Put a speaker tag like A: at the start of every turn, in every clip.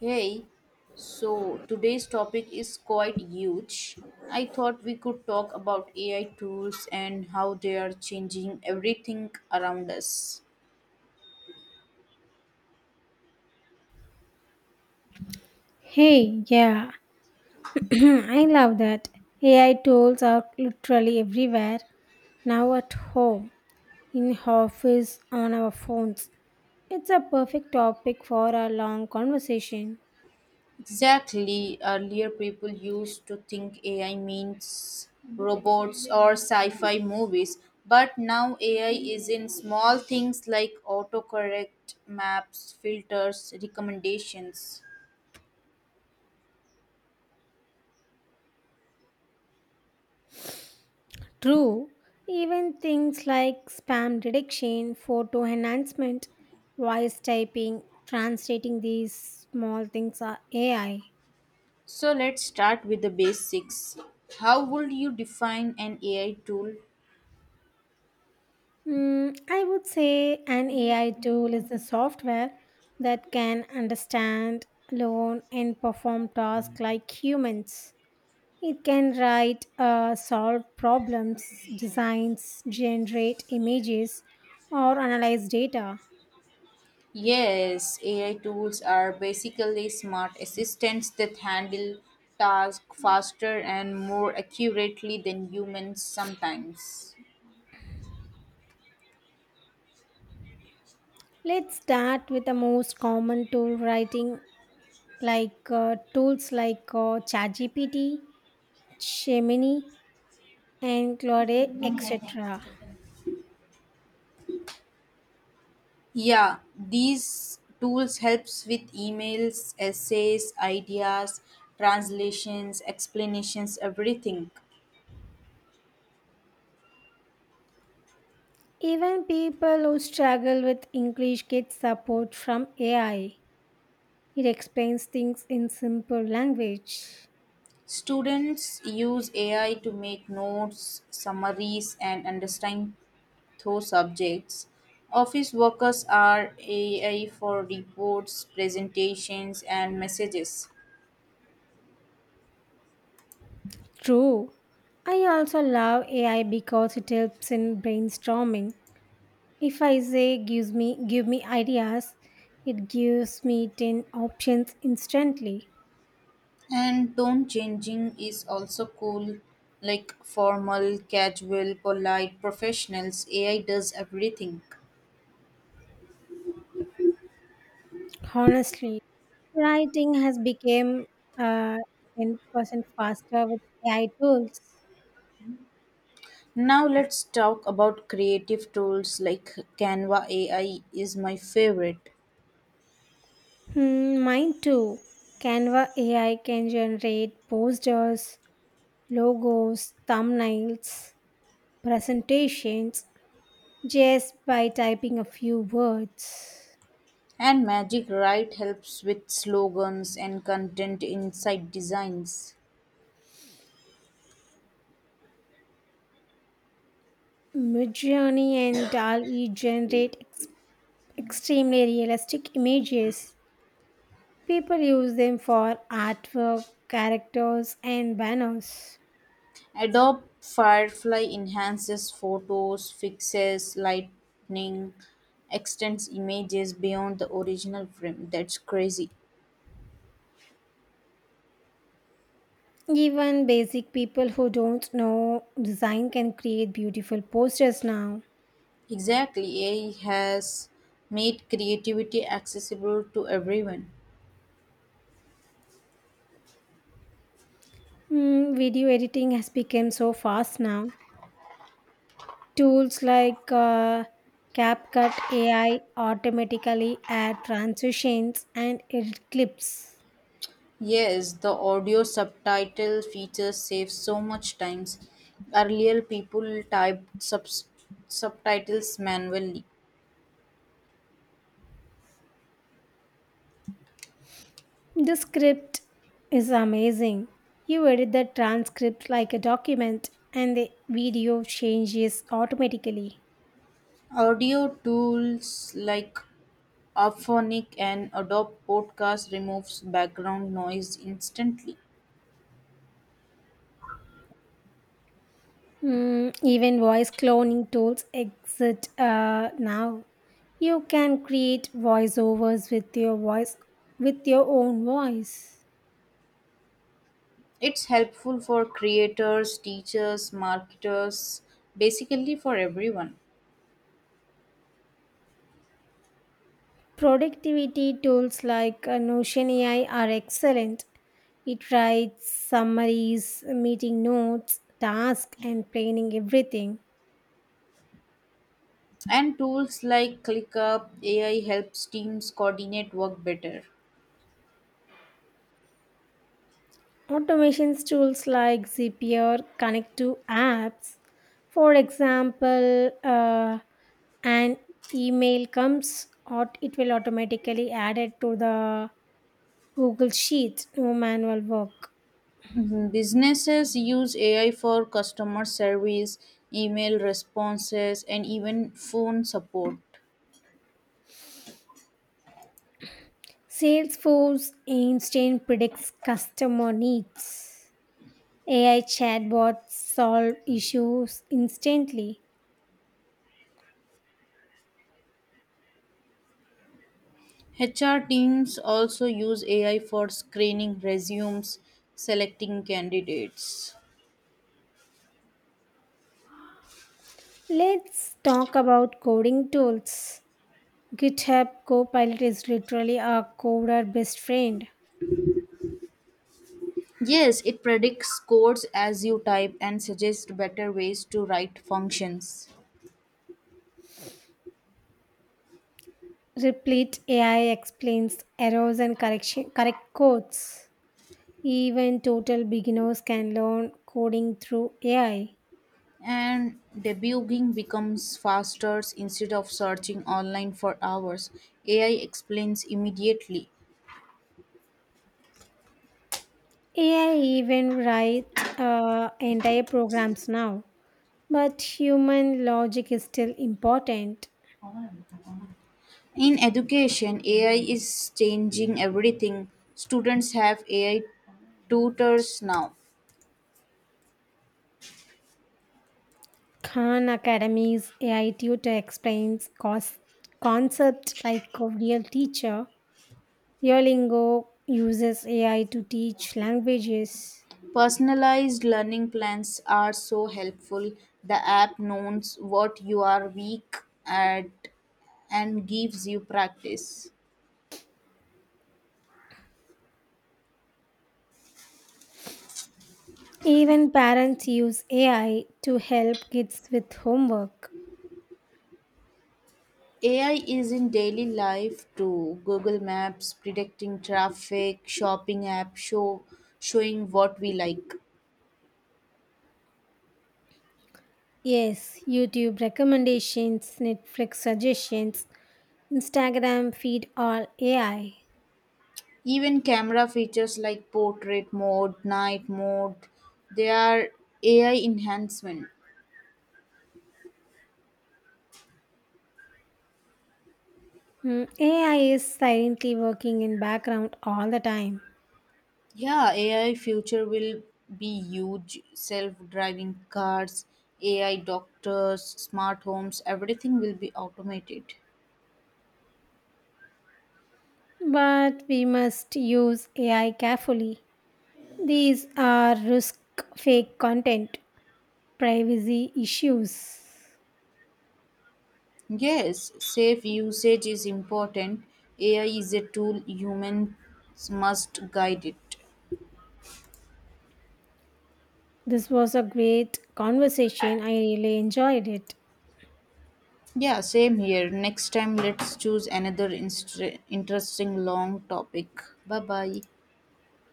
A: Hey, so today's topic is quite huge. I thought we could talk about AI tools and how they are changing everything around us.
B: Hey, yeah, I love that. AI tools are literally everywhere now at home, in office, on our phones. It's a perfect topic for a long conversation.
A: Exactly, earlier people used to think AI means robots or sci fi movies, but now AI is in small things like autocorrect, maps, filters, recommendations.
B: True, even things like spam detection, photo enhancement, voice typing, translating these small things are AI.
A: So let's start with the basics. How would you define an AI tool?
B: I would say an AI tool is a software that can understand, learn, and perform tasks like humans. It can write, solve problems, designs, generate images, or analyze data.
A: Yes, AI tools are basically smart assistants that handle tasks faster and more accurately than humans sometimes.
B: Let's start with the most common tool writing, like tools like ChatGPT, Gemini, and Claude, etc.
A: Yeah, these tools helps with emails, essays, ideas, translations, explanations, everything.
B: Even people who struggle with English get support from AI. It explains things in simple language.
A: Students use AI to make notes, summaries, and understand two subjects. Office workers are AI for reports, presentations, and messages.
B: True. I also love AI because it helps in brainstorming. If I say give me ideas, it gives me 10 options instantly.
A: And tone changing is also cool, like formal, casual, polite, professionals. AI does everything.
B: Honestly, writing has become uh, 10% faster with AI tools.
A: Now let's talk about creative tools like Canva AI is my favorite.
B: Hmm, mine too. Canva AI can generate posters, logos, thumbnails, presentations just by typing a few words.
A: And Magic Write helps with slogans and content inside designs.
B: Midjourney and DALL-E generate extremely realistic images. People use them for artwork, characters, and banners.
A: Adobe Firefly enhances photos, fixes lighting, extends images beyond the original frame. That's crazy.
B: Even basic people who don't know design can create beautiful posters now.
A: Exactly. AI has made creativity accessible to everyone.
B: Video editing has become so fast now. Tools like CapCut AI automatically add transitions and edit clips.
A: Yes, the audio subtitle feature saves so much time. Earlier, people typed subtitles manually.
B: The script is amazing. You edit the transcript like a document, and the video changes automatically.
A: Audio tools like Auphonic and Adobe Podcast removes background noise instantly.
B: Even voice cloning tools exist now. You can create voiceovers with your voice with your own voice.
A: It's helpful for creators, teachers, marketers, basically for everyone.
B: Productivity tools like Notion AI are excellent. It writes summaries, meeting notes, tasks, and planning everything.
A: And tools like ClickUp AI helps teams coordinate work better.
B: Automations tools like Zapier connect to apps. For example, an email comes, it will automatically add it to the Google Sheet, no manual work.
A: Mhm. Businesses use AI for customer service, email responses, and even phone support.
B: Salesforce Einstein predicts customer needs. AI chatbots solve issues instantly.
A: HR teams also use AI for screening resumes, selecting candidates.
B: Let's talk about coding tools. GitHub Copilot is literally our coder best friend.
A: Yes, it predicts codes as you type and suggests better ways to write functions.
B: Replete AI explains correct codes. Even total beginners can learn coding through AI.
A: And debugging becomes faster instead of searching online for hours. AI explains immediately.
B: AI even write entire programs now, but human logic is still important.
A: In education, AI is changing everything. Students have AI tutors now.
B: Khan Academy's AI tutor explains concepts like a real teacher. Duolingo uses AI to teach languages.
A: Personalized learning plans are so helpful. The app knows what you are weak at and gives you practice.
B: Even parents use AI to help kids with homework.
A: AI is in daily life too. Google Maps predicting traffic, shopping app show showing what we like.
B: Yes, YouTube recommendations, Netflix suggestions, Instagram feed all AI.
A: Even camera features like portrait mode, night mode, they are AI enhancement.
B: AI is silently working in background all the time.
A: Yeah, AI future will be huge. Self-driving cars, AI doctors, smart homes, everything will be automated.
B: But we must use AI carefully. These are risk fake content, privacy issues.
A: Yes, safe usage is important. AI is a tool humans must guide it.
B: This was a great conversation. I really enjoyed it.
A: Yeah, same here. Next time let's choose another interesting long topic. Bye-bye.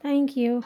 B: Thank you.